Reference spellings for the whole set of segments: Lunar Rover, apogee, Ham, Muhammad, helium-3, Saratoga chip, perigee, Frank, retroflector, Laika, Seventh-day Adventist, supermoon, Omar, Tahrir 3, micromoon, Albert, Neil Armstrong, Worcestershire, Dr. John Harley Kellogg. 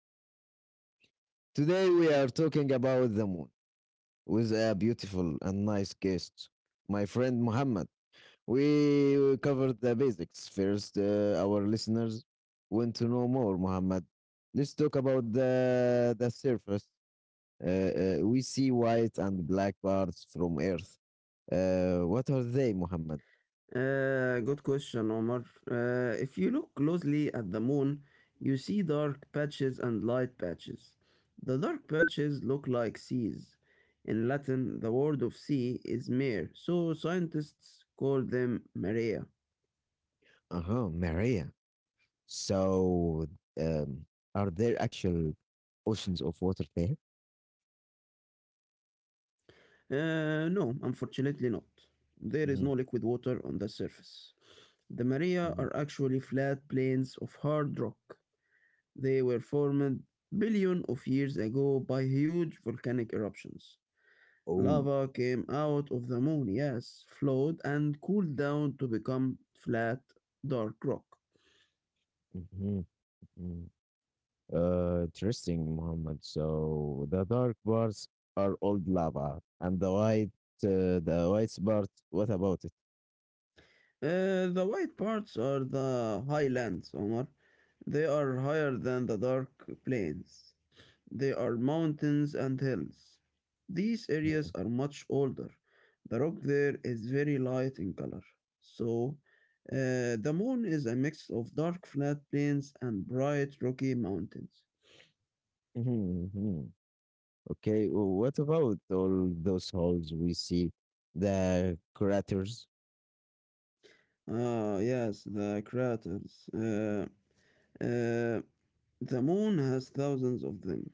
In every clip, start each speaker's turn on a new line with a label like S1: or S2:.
S1: everyone. Today we are talking about the moon with a beautiful and nice guest, my friend Muhammad. We will cover the basics first. Our listeners want to know more, Muhammad. Let's talk about the surface. We see white and black parts from Earth. What are they, Muhammad?
S2: Good question, Omar. If you look closely at the moon, you see dark patches and light patches. The dark patches look like seas. In Latin, the word of sea is mare, so scientists call them marea.
S1: Uh huh, Maria. So, um, are there actual oceans of water there?
S2: No, unfortunately not. There is no liquid
S1: Mhm,
S2: water on the surface. The marea are
S1: mhm.
S2: actually flat plains of hard rock. They were formed billions of years ago by huge volcanic eruptions.
S1: Oh,
S2: Lava came out of the moon, yes, flowed and cooled down to become flat, dark rock.
S1: mhm, mhm. Interesting, Muhammad. So the dark bars are old lava, and the white parts. What about it?
S2: The white parts are the highlands, Omar. They are higher than the dark plains. They are mountains and hills. These areas are much older. The rock there is very light in color. So, the moon is a mix of dark flat plains and bright rocky mountains.
S1: Mhm, mhm. Okay, what about all those holes we see, the craters?
S2: Ah, yes, the craters. Uh, the moon has thousands of them.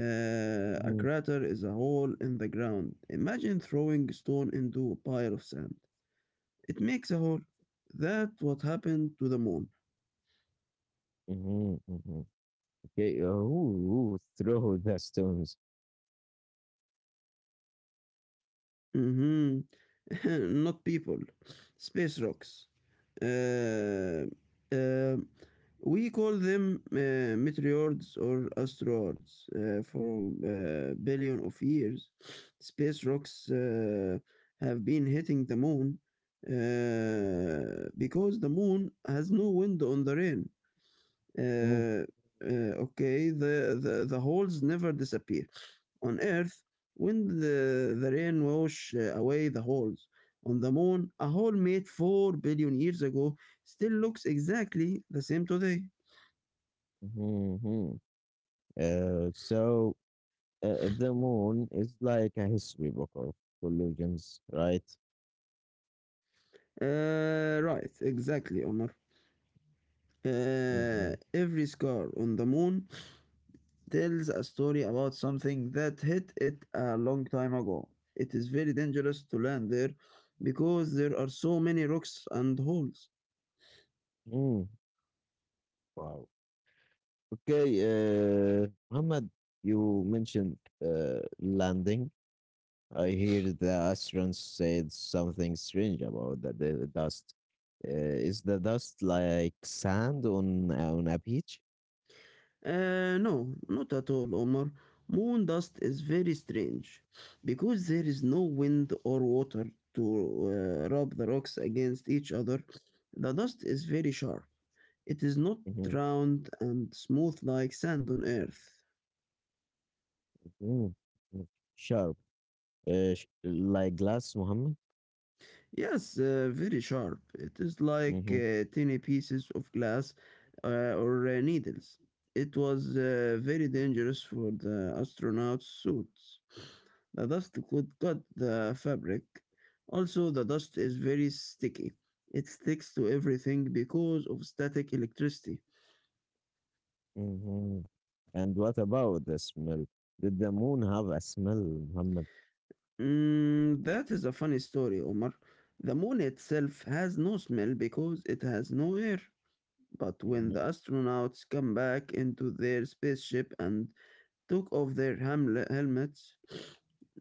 S2: A
S1: Mhm,
S2: crater is a hole in the ground. Imagine throwing a stone into a pile of sand. It makes a hole. That's what happened to the moon.
S1: mhm, mhm. Okay, who threw the stones?
S2: Hmm Not people. Space rocks. Uh, uh, we call them meteoroids or asteroids for billion of years. Space rocks have been hitting the moon because the moon has no wind on the rain.
S1: Mm,
S2: Uh, okay, the holes never disappear. On Earth, when the rain washed away the holes. On the moon, a hole made 4 billion years ago still looks exactly the same today.
S1: mhm, mhm. So the moon is like a history book of collisions, right?
S2: Right, exactly, Omar.
S1: Mhm.
S2: Every scar on the moon tells a story about something that hit it a long time ago. It is very dangerous to land there because there are so many rocks and holes.
S1: Mm. Wow. Okay, Muhammad, you mentioned landing. I hear the astronauts said something strange about the dust. Uh, is the dust like sand on a beach?
S2: No, not at all, Omar. Moon dust is very strange because there is no wind or water to rub the rocks against each other. The dust is very sharp. It is not
S1: Mhm.
S2: round and smooth like sand on Earth.
S1: Mm. Mm. Sharp, like glass, Muhammad.
S2: Yes, very sharp. It is like
S1: Hmm.
S2: tiny pieces of glass or needles. It was very dangerous for the astronauts' suits. The dust could cut the fabric. Also, the dust is very sticky. It sticks to everything because of static electricity.
S1: Hmm. And what about the smell? Did the moon have a smell, Muhammad?
S2: Mm, that is a funny story, Omar. The moon itself has no smell because it has no air. But when the astronauts come back into their spaceship and took off their helmets,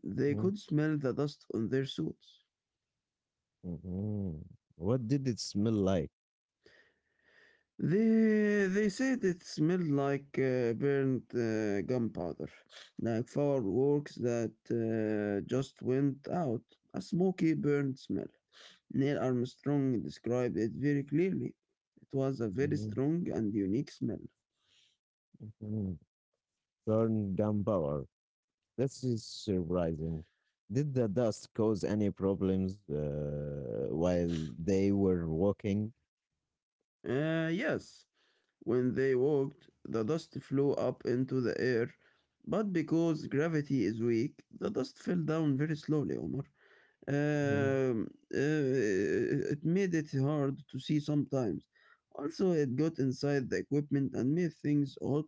S2: they
S1: Hmm.
S2: could smell the dust on their suits.
S1: Hmm. What did it smell like?
S2: They said it smelled like burnt gunpowder, like fireworks that just went out. A smoky, burnt smell. Neil Armstrong described it very clearly. It was a very
S1: Mhm.
S2: strong and unique smell.
S1: Burn gunpowder. This is surprising. Did the dust cause any problems while they were walking?
S2: Yes, when they walked, the dust flew up into the air, but because gravity is weak, the dust fell down very slowly, Omar.
S1: Mhm.
S2: It made it hard to see sometimes. Also, it got inside the equipment and made things hot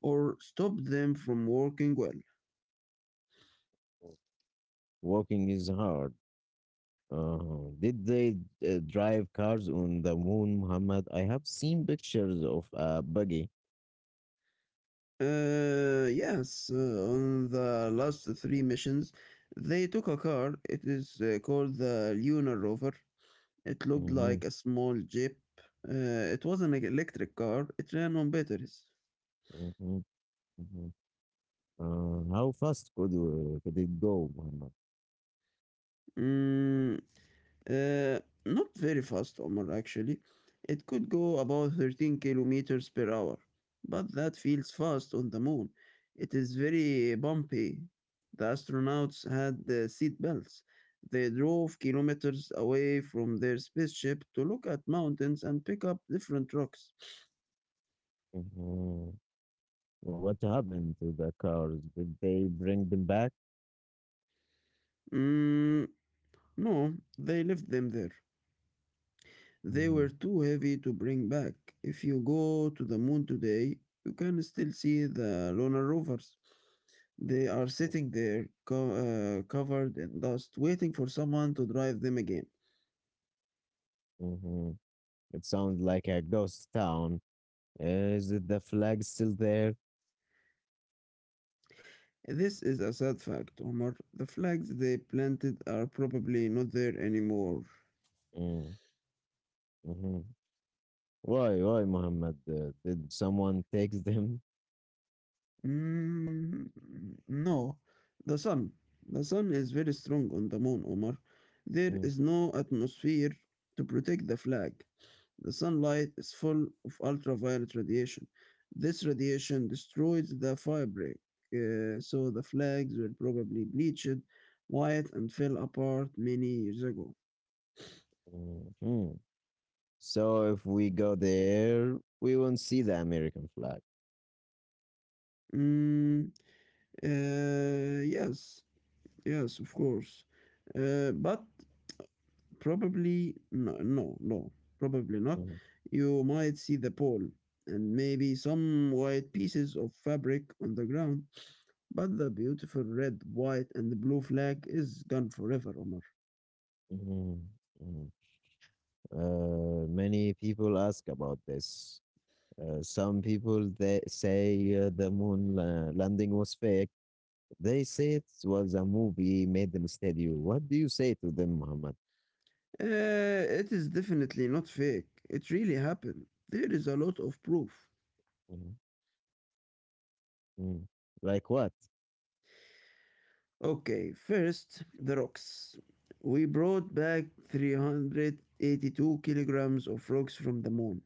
S2: or stopped them from working well.
S1: Walking is hard. Did they drive cars on the moon, Muhammad? I have seen pictures of a buggy.
S2: Yes, on the last three missions, they took a car. It is called the Lunar Rover. It looked
S1: Mhm,
S2: like a small jeep. It was an electric car. It ran on batteries.
S1: mhm, mhm. How fast could it go, Muhammad?
S2: Mm, Uh, Not very fast, Omar, actually. It could go about 13 kilometers per hour, but that feels fast on the moon. It is very bumpy. The astronauts had the seat belts. They drove kilometers away from their spaceship to look at mountains and pick up different rocks.
S1: Mhm. What happened to the cars? Did they bring them back?
S2: Mm, no, they left them there. They
S1: Mm-hmm.
S2: were too heavy to bring back. If you go to the moon today, you can still see the lunar rovers. They are sitting there, covered in dust, waiting for someone to drive them again.
S1: Hmm. It sounds like a ghost town. Is it the flag still there?
S2: This is a sad fact, Omar. The flags they planted are probably not there anymore.
S1: Mm. Mm-hmm. Why, Muhammad? Did someone take them?
S2: Mm, no, the sun. The sun is very strong on the moon, Omar. There
S1: Mm.
S2: is no atmosphere to protect the flag. The sunlight is full of ultraviolet radiation. This radiation destroys the fabric, so the flags were probably bleached white and fell apart many years ago.
S1: Mm-hmm. So if we go there, we won't see the American flag.
S2: Mm, yes, yes, of course. But probably no, no, no, probably not.
S1: Mm.
S2: You might see the pole and maybe some white pieces of fabric on the ground. But the beautiful red, white, and blue flag is gone forever, Omar.
S1: Mm-hmm. Mm-hmm. Many people ask about this. Some people they say the moon landing was fake. They say it was a movie made them studio. What do you say to them, Muhammad?
S2: Uh, it is definitely not fake. It really happened. There is a lot of proof.
S1: Mhm, mm. Like what?
S2: Okay, first, the rocks. We brought back 382 kilograms of rocks from the moon.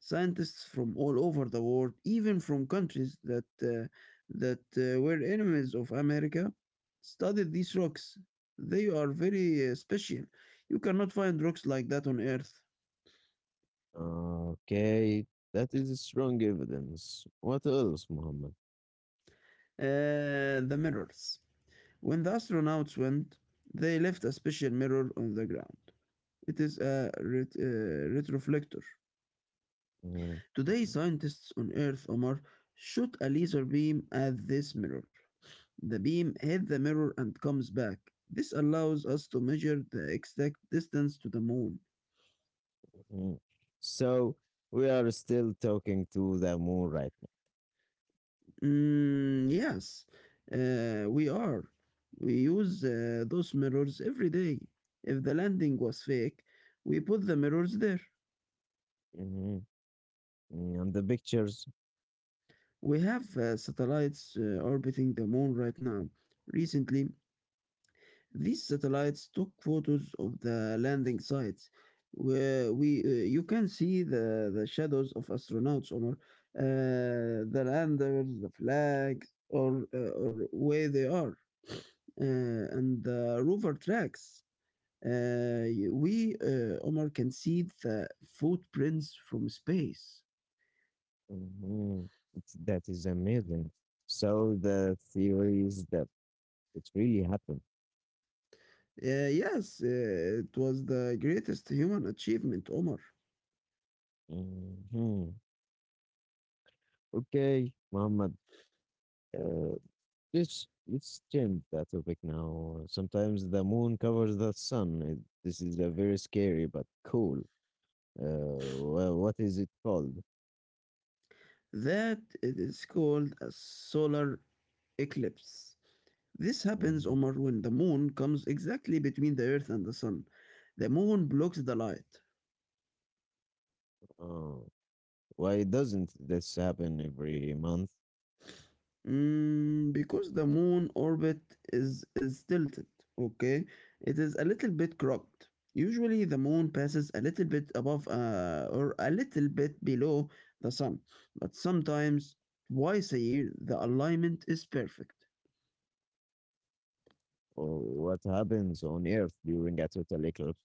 S2: Scientists from all over the world, even from countries that were enemies of America, studied these rocks. They are very special. You cannot find rocks like that on Earth.
S1: Okay, that is strong evidence. What else, Muhammad?
S2: The mirrors. When the astronauts went, they left a special mirror on the ground. It is a retroflector.
S1: Mhm,
S2: Today, scientists on Earth, Omar, shoot a laser beam at this mirror. The beam hits the mirror and comes back. This allows us to measure the exact distance to the moon.
S1: mm. So we are still talking to the moon right now.
S2: Mm, yes, we are. We use those mirrors every day. If the landing was fake, we put the mirrors there.
S1: Mhm, mm, and the pictures,
S2: We have satellites orbiting the moon right now. Recently, these satellites took photos of the landing sites, where we you can see the shadows of astronauts, or the landers, the flags, or where they are, and the rover tracks. Omar, can see the footprints from space.
S1: mhm, that is amazing. So the theory is that it really happened.
S2: Yes, it was the greatest human achievement, Omar.
S1: Mhm. Okay, Muhammad. Uh, it's changed that topic now. Sometimes the moon covers the sun. This is a very scary but cool. Well, what is it called?
S2: That it is called a solar eclipse. This happens,
S1: Mhm.
S2: Omar, when the moon comes exactly between the Earth and the Sun. The moon blocks the light.
S1: Uh, why doesn't this happen every month?
S2: Mm, because the moon orbit is tilted, okay? It is a little bit crooked. Usually the moon passes a little bit above or a little bit below the sun, but sometimes twice a year the alignment is perfect.
S1: Or what happens on Earth during a total eclipse?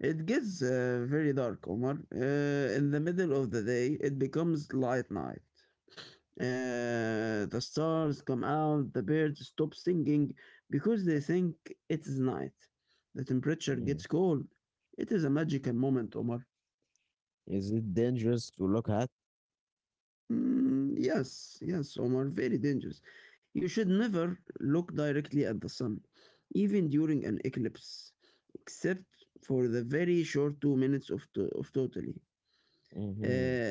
S2: It gets very dark, Omar. In the middle of the day, it becomes light night. The stars come out, the birds stop singing because they think it is night. The temperature
S1: Mhm.
S2: gets cold. It is a magical moment, Omar.
S1: Is it dangerous to look at?
S2: Mm, yes, yes, Omar, very dangerous. You should never look directly at the sun, even during an eclipse, except for the very short 2 minutes of totally.
S1: Hmm.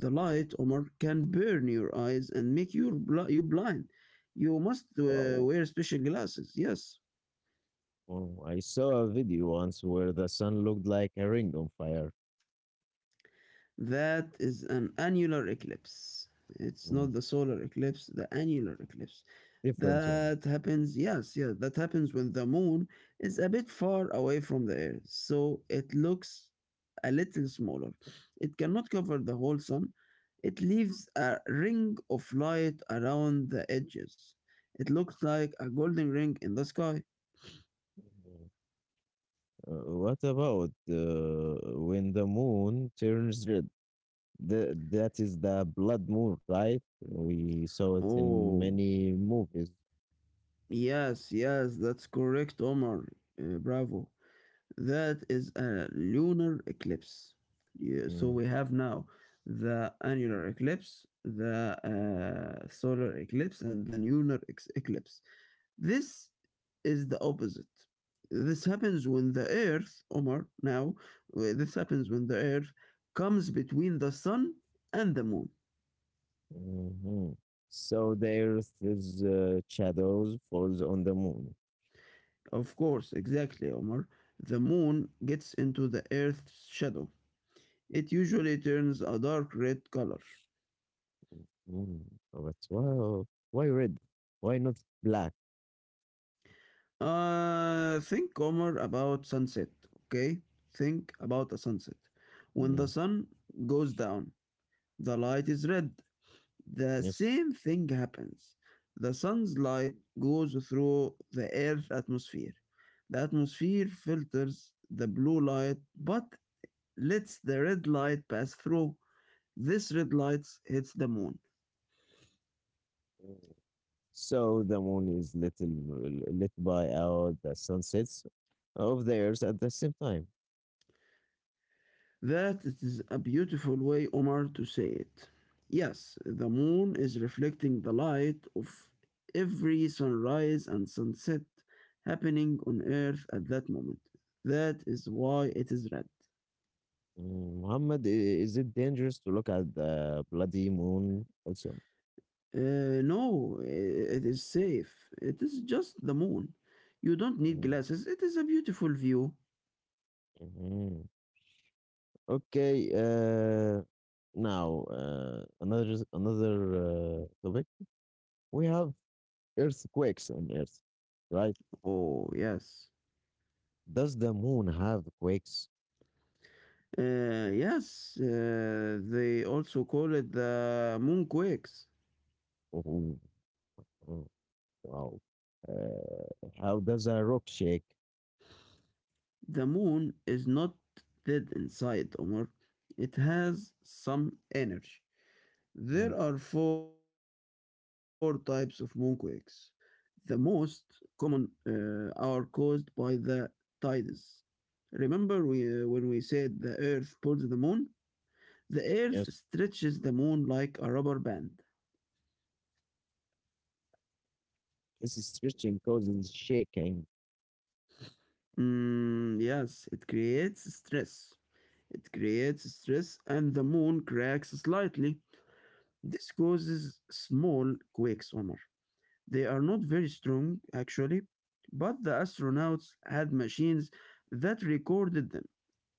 S2: The light, Omar, can burn your eyes and make you blind. You must
S1: Wow.
S2: wear special glasses. Yes.
S1: Oh, I saw a video once where the sun looked like a ring on fire.
S2: That is an annular eclipse. It's
S1: Mhm.
S2: not the solar eclipse, the annular eclipse.
S1: Different one.
S2: That happens, yes, yeah, that happens when the moon is a bit far away from the Earth, so it looks a little smaller. It cannot cover the whole sun. It leaves a ring of light around the edges. It looks like a golden ring in the sky.
S1: Mm-hmm. Uh, what about when the moon turns red? That is the blood moon, right? We saw it in
S2: Oh,
S1: many movies.
S2: yes, yes, that's correct, Omar. Bravo. That is a lunar eclipse. Yeah, so
S1: Mm,
S2: we have now the annular eclipse, the solar eclipse, and the lunar eclipse. This is the opposite. This happens when the Earth, Omar, now, this happens when the Earth comes between the Sun and the Moon.
S1: mhm. So the Earth's shadows falls on the moon.
S2: Of course, exactly, Omar. The Moon gets into the Earth's shadow. It usually turns a dark red color.
S1: Mm. But why red? Why not black?
S2: Think, Omar, about sunset, okay? Think about a sunset. When the
S1: Mm.
S2: sun goes down, the light is red. The
S1: Yes.
S2: same thing happens. The sun's light goes through the Earth's atmosphere. The atmosphere filters the blue light but lets the red light pass through. This red light hits the moon.
S1: So the moon is little lit by out the sunsets of the Earth at the same time.
S2: That is a beautiful way, Omar, to say it. Yes, the moon is reflecting the light of every sunrise and sunset happening on Earth at that moment. That is why it is red.
S1: Mm, Muhammad, is it dangerous to look at the bloody moon also?
S2: No, it is safe. It is just the moon. You don't need
S1: Mm,
S2: glasses. It is a beautiful view.
S1: mhm. Okay, now another topic. We have earthquakes on Earth, right?
S2: Oh, yes.
S1: Does the moon have quakes?
S2: Yes, they also call it the moonquakes.
S1: Oh, oh, wow. Uh, how does a rock shake?
S2: The moon is not dead inside, Omar. It has some energy. There
S1: Mm,
S2: are four types of moonquakes. The most common are caused by the tides. Remember when we said the earth pulls the moon? The earth
S1: yes,
S2: stretches the moon like a rubber band.
S1: this is stretching causes shaking.
S2: Mm, yes, it creates stress. It creates stress and the moon cracks slightly. This causes small quakes, Omar. They are not very strong, actually, but the astronauts had machines that recorded them.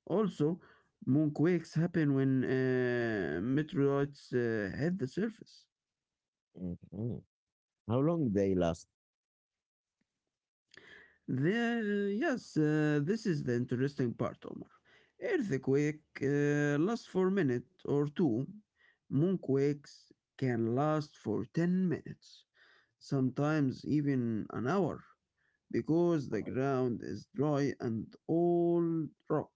S2: Also, moonquakes happen when meteorites hit the surface.
S1: Mhm. How long they last?
S2: Yes, this is the interesting part, Omar. Earthquake lasts for a minute or two. Moonquakes can last for 10 minutes, sometimes even an hour, because the ground is dry and all rock.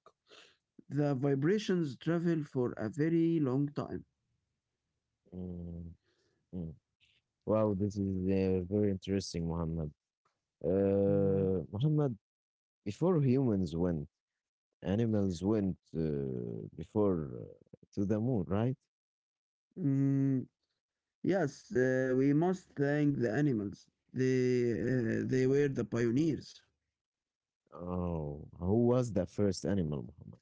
S2: The vibrations travel for a very long time.
S1: Mm, mm. Wow, this is very interesting, Muhammad. Muhammad, before humans went, animals went before to the moon, right?
S2: Mm, yes, we must thank the animals. They were the pioneers.
S1: Oh, who was the first animal, Muhammad?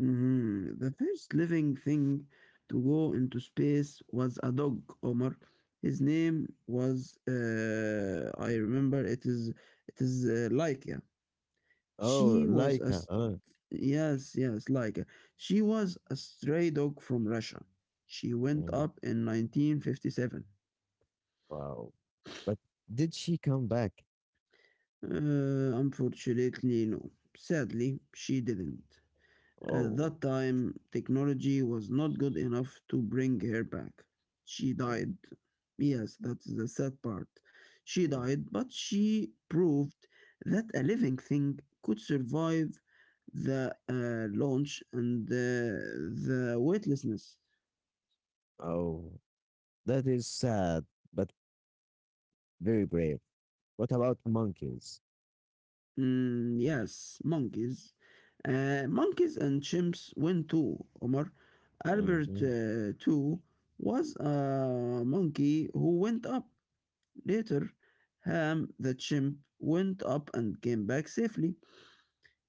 S2: Mhm. The first living thing to go into space was a dog, Omar. His name was, I remember it is Laika.
S1: Oh,
S2: She was a
S1: Laika.
S2: Yes, yes, like she was a stray dog from Russia. She went
S1: Mm,
S2: up in 1957.
S1: wow. But did she come back?
S2: Unfortunately, no. Sadly, she didn't. At
S1: Oh,
S2: that time, technology was not good enough to bring her back. She
S1: mm,
S2: died. Yes, that's the sad part. She
S1: mm,
S2: died, but she proved that a living thing could survive the launch and the weightlessness.
S1: oh, that is sad, but very brave. What about monkeys?
S2: Yes, monkeys. Monkeys and chimps win too, Omar. Albert
S1: Mm-hmm.
S2: too was a monkey who went up. Later, Ham the chimp went up and came back safely.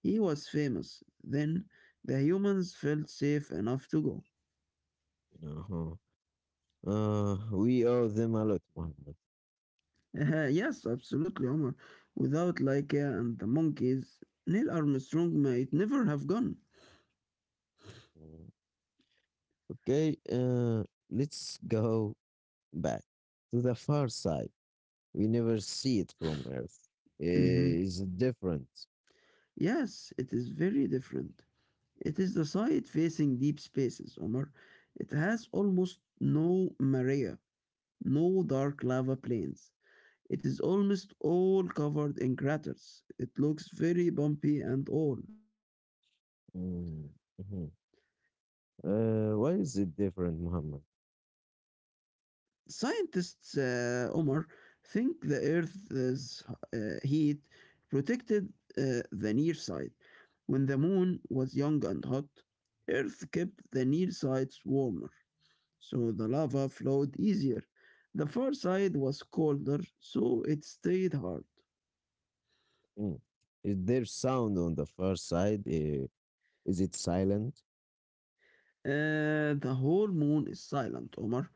S2: He was famous. Then the humans felt safe enough to go.
S1: Uh-huh. We owe them a lot, Muhammad.
S2: Yes, absolutely, Omar. Without Laika and the monkeys, Neil Armstrong might never have gone.
S1: Okay, let's go back to the far side. We never see it from Earth.
S2: hmm
S1: Is it different?
S2: Yes, it is very different. It is the side facing deep spaces, Omar. It has almost no maria, no dark lava plains. It is almost all covered in craters. It looks very bumpy and old.
S1: Mm, mhm. Why is it different, Muhammad?
S2: Scientists, Omar, think the Earth's heat protected the near side. When the moon was young and hot, Earth kept the near sides warmer, so the lava flowed easier. The far side was colder, so it stayed hard.
S1: Mm. Is there sound on the far side? Is it silent?
S2: The whole moon is silent, Omar.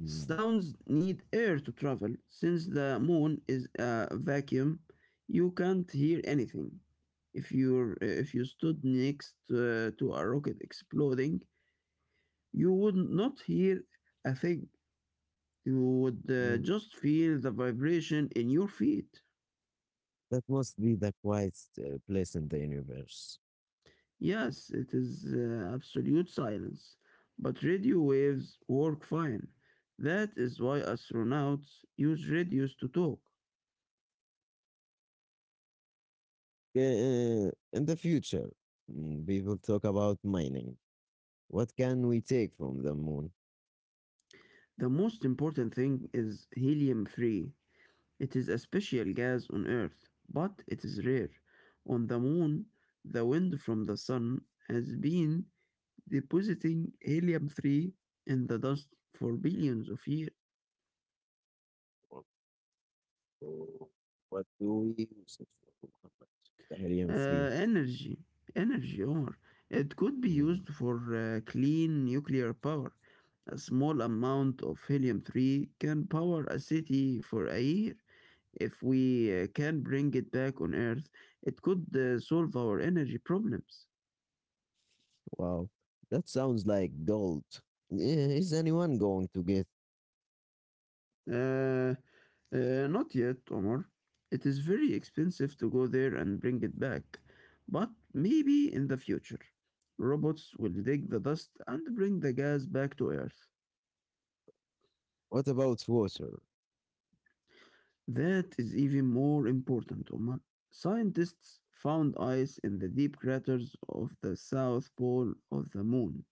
S1: Mm,
S2: Sounds need air to travel. Since the moon is a vacuum, you can't hear anything. If you stood next to a rocket exploding, you would not hear a thing. You would
S1: mm.
S2: just feel the vibration in your feet.
S1: That must be the quiet place in the universe.
S2: Yes, it is absolute silence, but radio waves work fine. That is why astronauts use radios to talk.
S1: Okay, in the future, people talk about mining. What can we take from the moon?
S2: The most important thing is helium 3. It is a special gas on Earth, but it is rare. On the moon, the wind from the sun has been depositing helium 3 in the dust for billions of years.
S1: So what do we use it for, Muhammad? Tahrir
S2: uh,
S1: 3.
S2: energy energy Omar. It could be
S1: Mm,
S2: used for clean nuclear power. A small amount of helium-3 can power a city for a year. If we can bring it back on Earth, it could solve our energy problems.
S1: wow, that sounds like gold. Yeah, is anyone going to get?
S2: Uh, Not yet, Omar. It is very expensive to go there and bring it back. But maybe in the future, robots will dig the dust and bring the gas back to Earth.
S1: What about water?
S2: That is even more important, Omar. Scientists found ice in the deep craters of the south pole of the moon.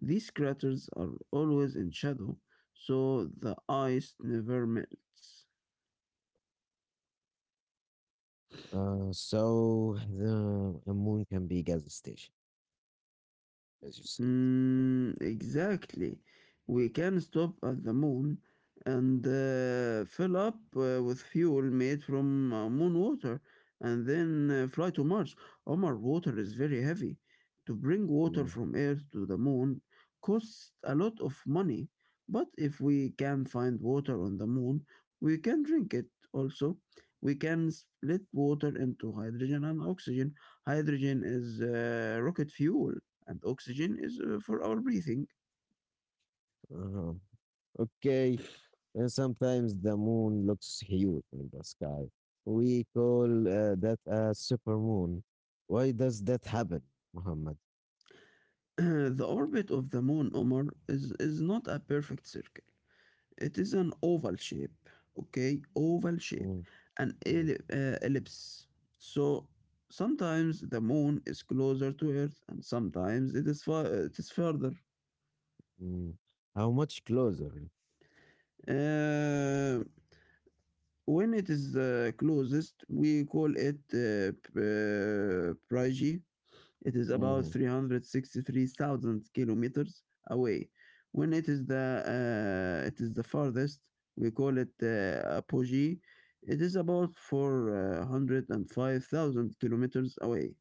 S2: These craters are always in shadow, so the ice never melts.
S1: So the a moon can be gas station, as you said.
S2: Mm, exactly. We can stop at the moon and fill up with fuel made from moon water and then fly to Mars. Omar, water is very heavy. To bring water
S1: Mm,
S2: from Earth to the moon costs a lot of money. But if we can find water on the moon, we can drink it also. We can split water into hydrogen and oxygen. Hydrogen is rocket fuel and oxygen is for our breathing.
S1: uh-huh. Okay, and sometimes the moon looks huge in the sky. We call that a supermoon. Why does that happen, Muhammad?
S2: The orbit of the moon, Omar, is not a perfect circle. It is an oval shape, okay? Oval shape,
S1: Mm, mm,
S2: ellipse. So sometimes the moon is closer to Earth, and sometimes it is further.
S1: mm. How much closer?
S2: Uh, when it is the closest, we call it perigee. It is about
S1: Mhm,
S2: 363,000 kilometers away. When it is the farthest, we call it apogee. It is about 405,000 kilometers away.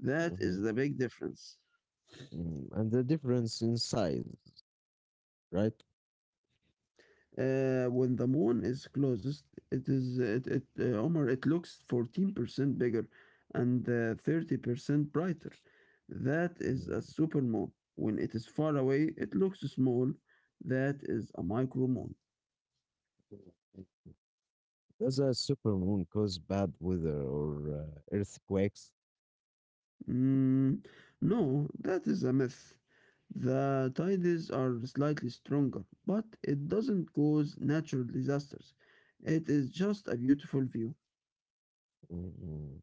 S2: That
S1: mhm,
S2: is the big difference.
S1: mhm. And the difference in size, right?
S2: When the moon is closest, it is it, it Omar, it looks 14% bigger and 30% brighter. That is a
S1: Mm.
S2: supermoon. When it is far away, it looks small. That is a micromoon.
S1: Does a supermoon cause bad weather or earthquakes?
S2: Mm, no, that is a myth. The tides are slightly stronger, but it doesn't cause natural disasters. It is just a beautiful view.
S1: Mhm.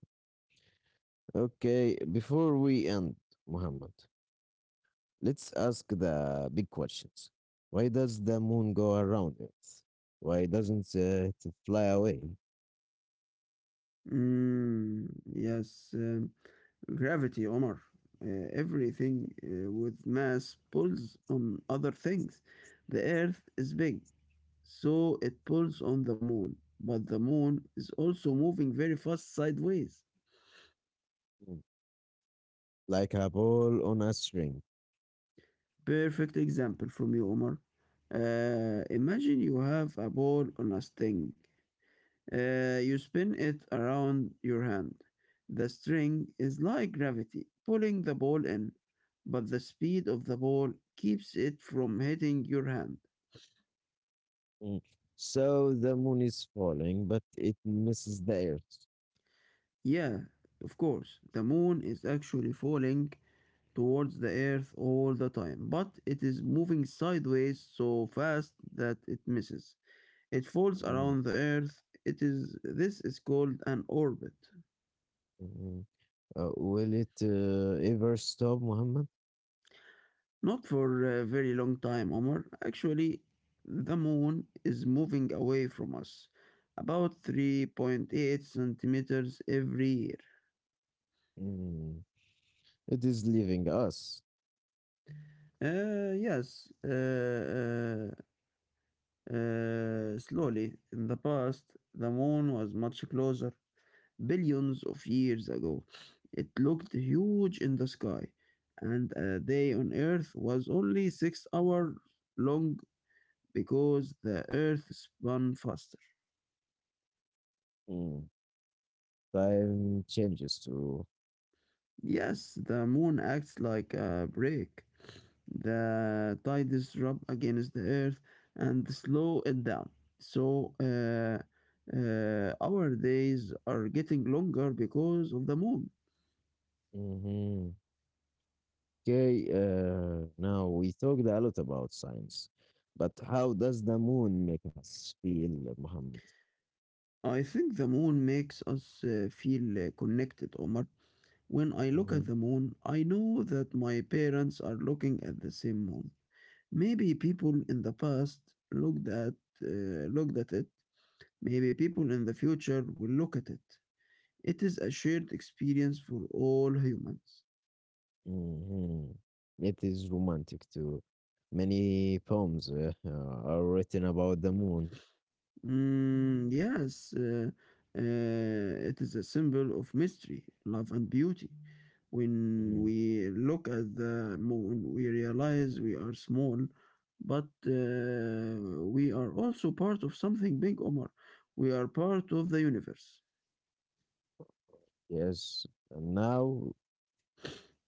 S1: Okay, before we end, Muhammad, let's ask the big questions. Why does the moon go around Earth? Why doesn't it fly away?
S2: Mm, yes. um, Gravity, Omar. Everything with mass pulls on other things. The Earth is big, so it pulls on the moon, but the moon is also moving very fast sideways.
S1: Mm. Like a ball on a string?
S2: Perfect example from you, Omar. Imagine you have a ball on a string. You spin it around your hand. The string is like gravity, pulling the ball in, but the speed of the ball keeps it from hitting your hand.
S1: Mm. So the moon is falling, but it misses the Earth.
S2: Yeah, of course, the moon is actually falling towards the earth all the time, but it is moving sideways so fast that it misses. It falls around the earth. It is this is called an orbit.
S1: Mm. Will it ever stop, Muhammad?
S2: Not for a very long time, Omar. Actually, the moon is moving away from us about 3.8 centimeters every year.
S1: Mm. It is leaving us.
S2: Yes, slowly, in the past, the moon was much closer. Billions of years ago, it looked huge in the sky, and a day on Earth was only 6 hours long because the Earth spun faster.
S1: Mm. Time changes too.
S2: Yes, the moon acts like a brake. The tides rub against the earth and slow it down. So our days are getting longer because of the moon.
S1: Mhm. Okay, now we talked a lot about science, but how does the moon make us feel, Muhammad?
S2: I think the moon makes us feel connected, Omar. When I look
S1: Mhm.
S2: at the moon, I know that my parents are looking at the same moon. Maybe people in the past looked at it. Maybe people in the future will look at it. It is a shared experience for all humans.
S1: Mhm. It is romantic too. Many poems are written about the moon.
S2: Mm, yes, uh, it is a symbol of mystery, love, and beauty. When
S1: Mhm.
S2: we look at the moon, we realize we are small, but we are also part of something big, Omar. We are part of the universe.
S1: Yes, and now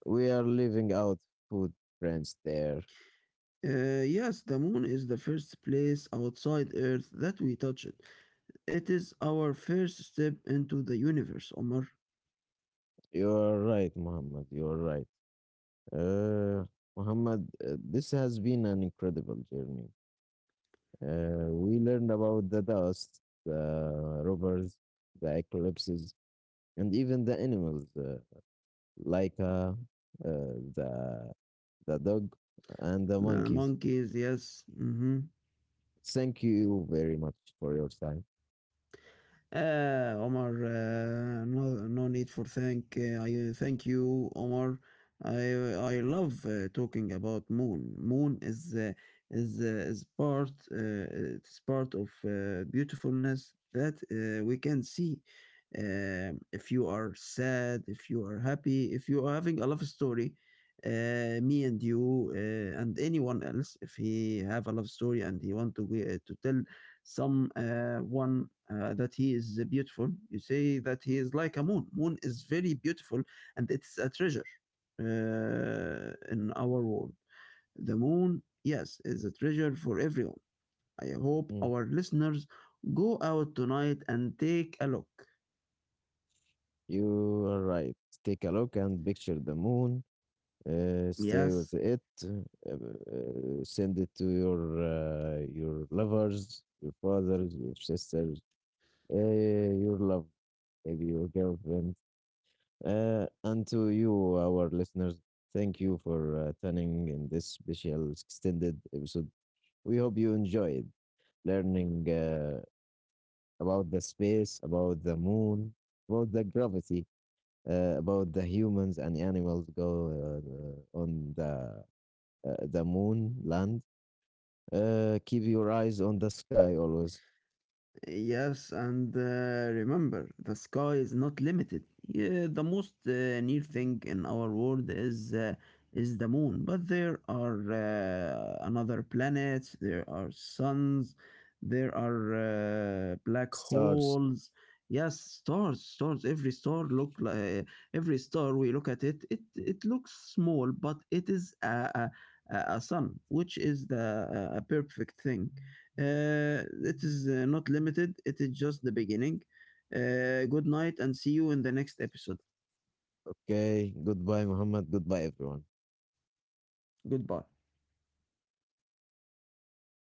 S1: we are leaving out footprints there.
S2: Yes, the moon is the first place outside Earth that we touch it. It is our first step into the universe, Omar.
S1: You are right, Muhammad. You are right. Uh, Muhammad, this has been an incredible journey. We learned about the dust, the rovers, the eclipses, and even the animals like uh, the, the dog and the
S2: The
S1: monkeys.
S2: monkeys, yes.
S1: Thank you very much for your time.
S2: Omar, no, no need for thank. I thank you, Omar. I I love talking about moon. Moon is part — it's part of beautifulness that we can see. If you are sad, if you are happy, if you are having a love story, me and you and anyone else, if he have a love story and he want to tell some one that he is beautiful, you say that he is like a moon. Moon is very beautiful and it's a treasure in our world. The moon, yes, is a treasure for everyone. I hope
S1: Mhm.
S2: our listeners go out tonight and take a look.
S1: You are right. Take a look and picture the moon. Stay with
S2: Yes.
S1: it. Send it to your lovers, your fathers, your sisters, uh, your love, maybe your girlfriend. And to you, our listeners, thank you for tuning in this special extended episode. We hope you enjoyed learning about the space, about the moon, about the gravity, about the humans and animals go on the moon, land. Keep your eyes on the sky always.
S2: Yes, and remember, the sky is not limited. Yeah, the most near thing in our world is the moon, but there are another planets, there are suns, there are black
S1: Stars.
S2: holes. Yes, stars, stars. Every star we look at it. It looks small, but it is a sun, which is the a perfect thing. It is not limited, it is just the beginning. Good night and see you in the next episode.
S1: Okay. Goodbye, Muhammad. Goodbye, everyone.
S2: Goodbye.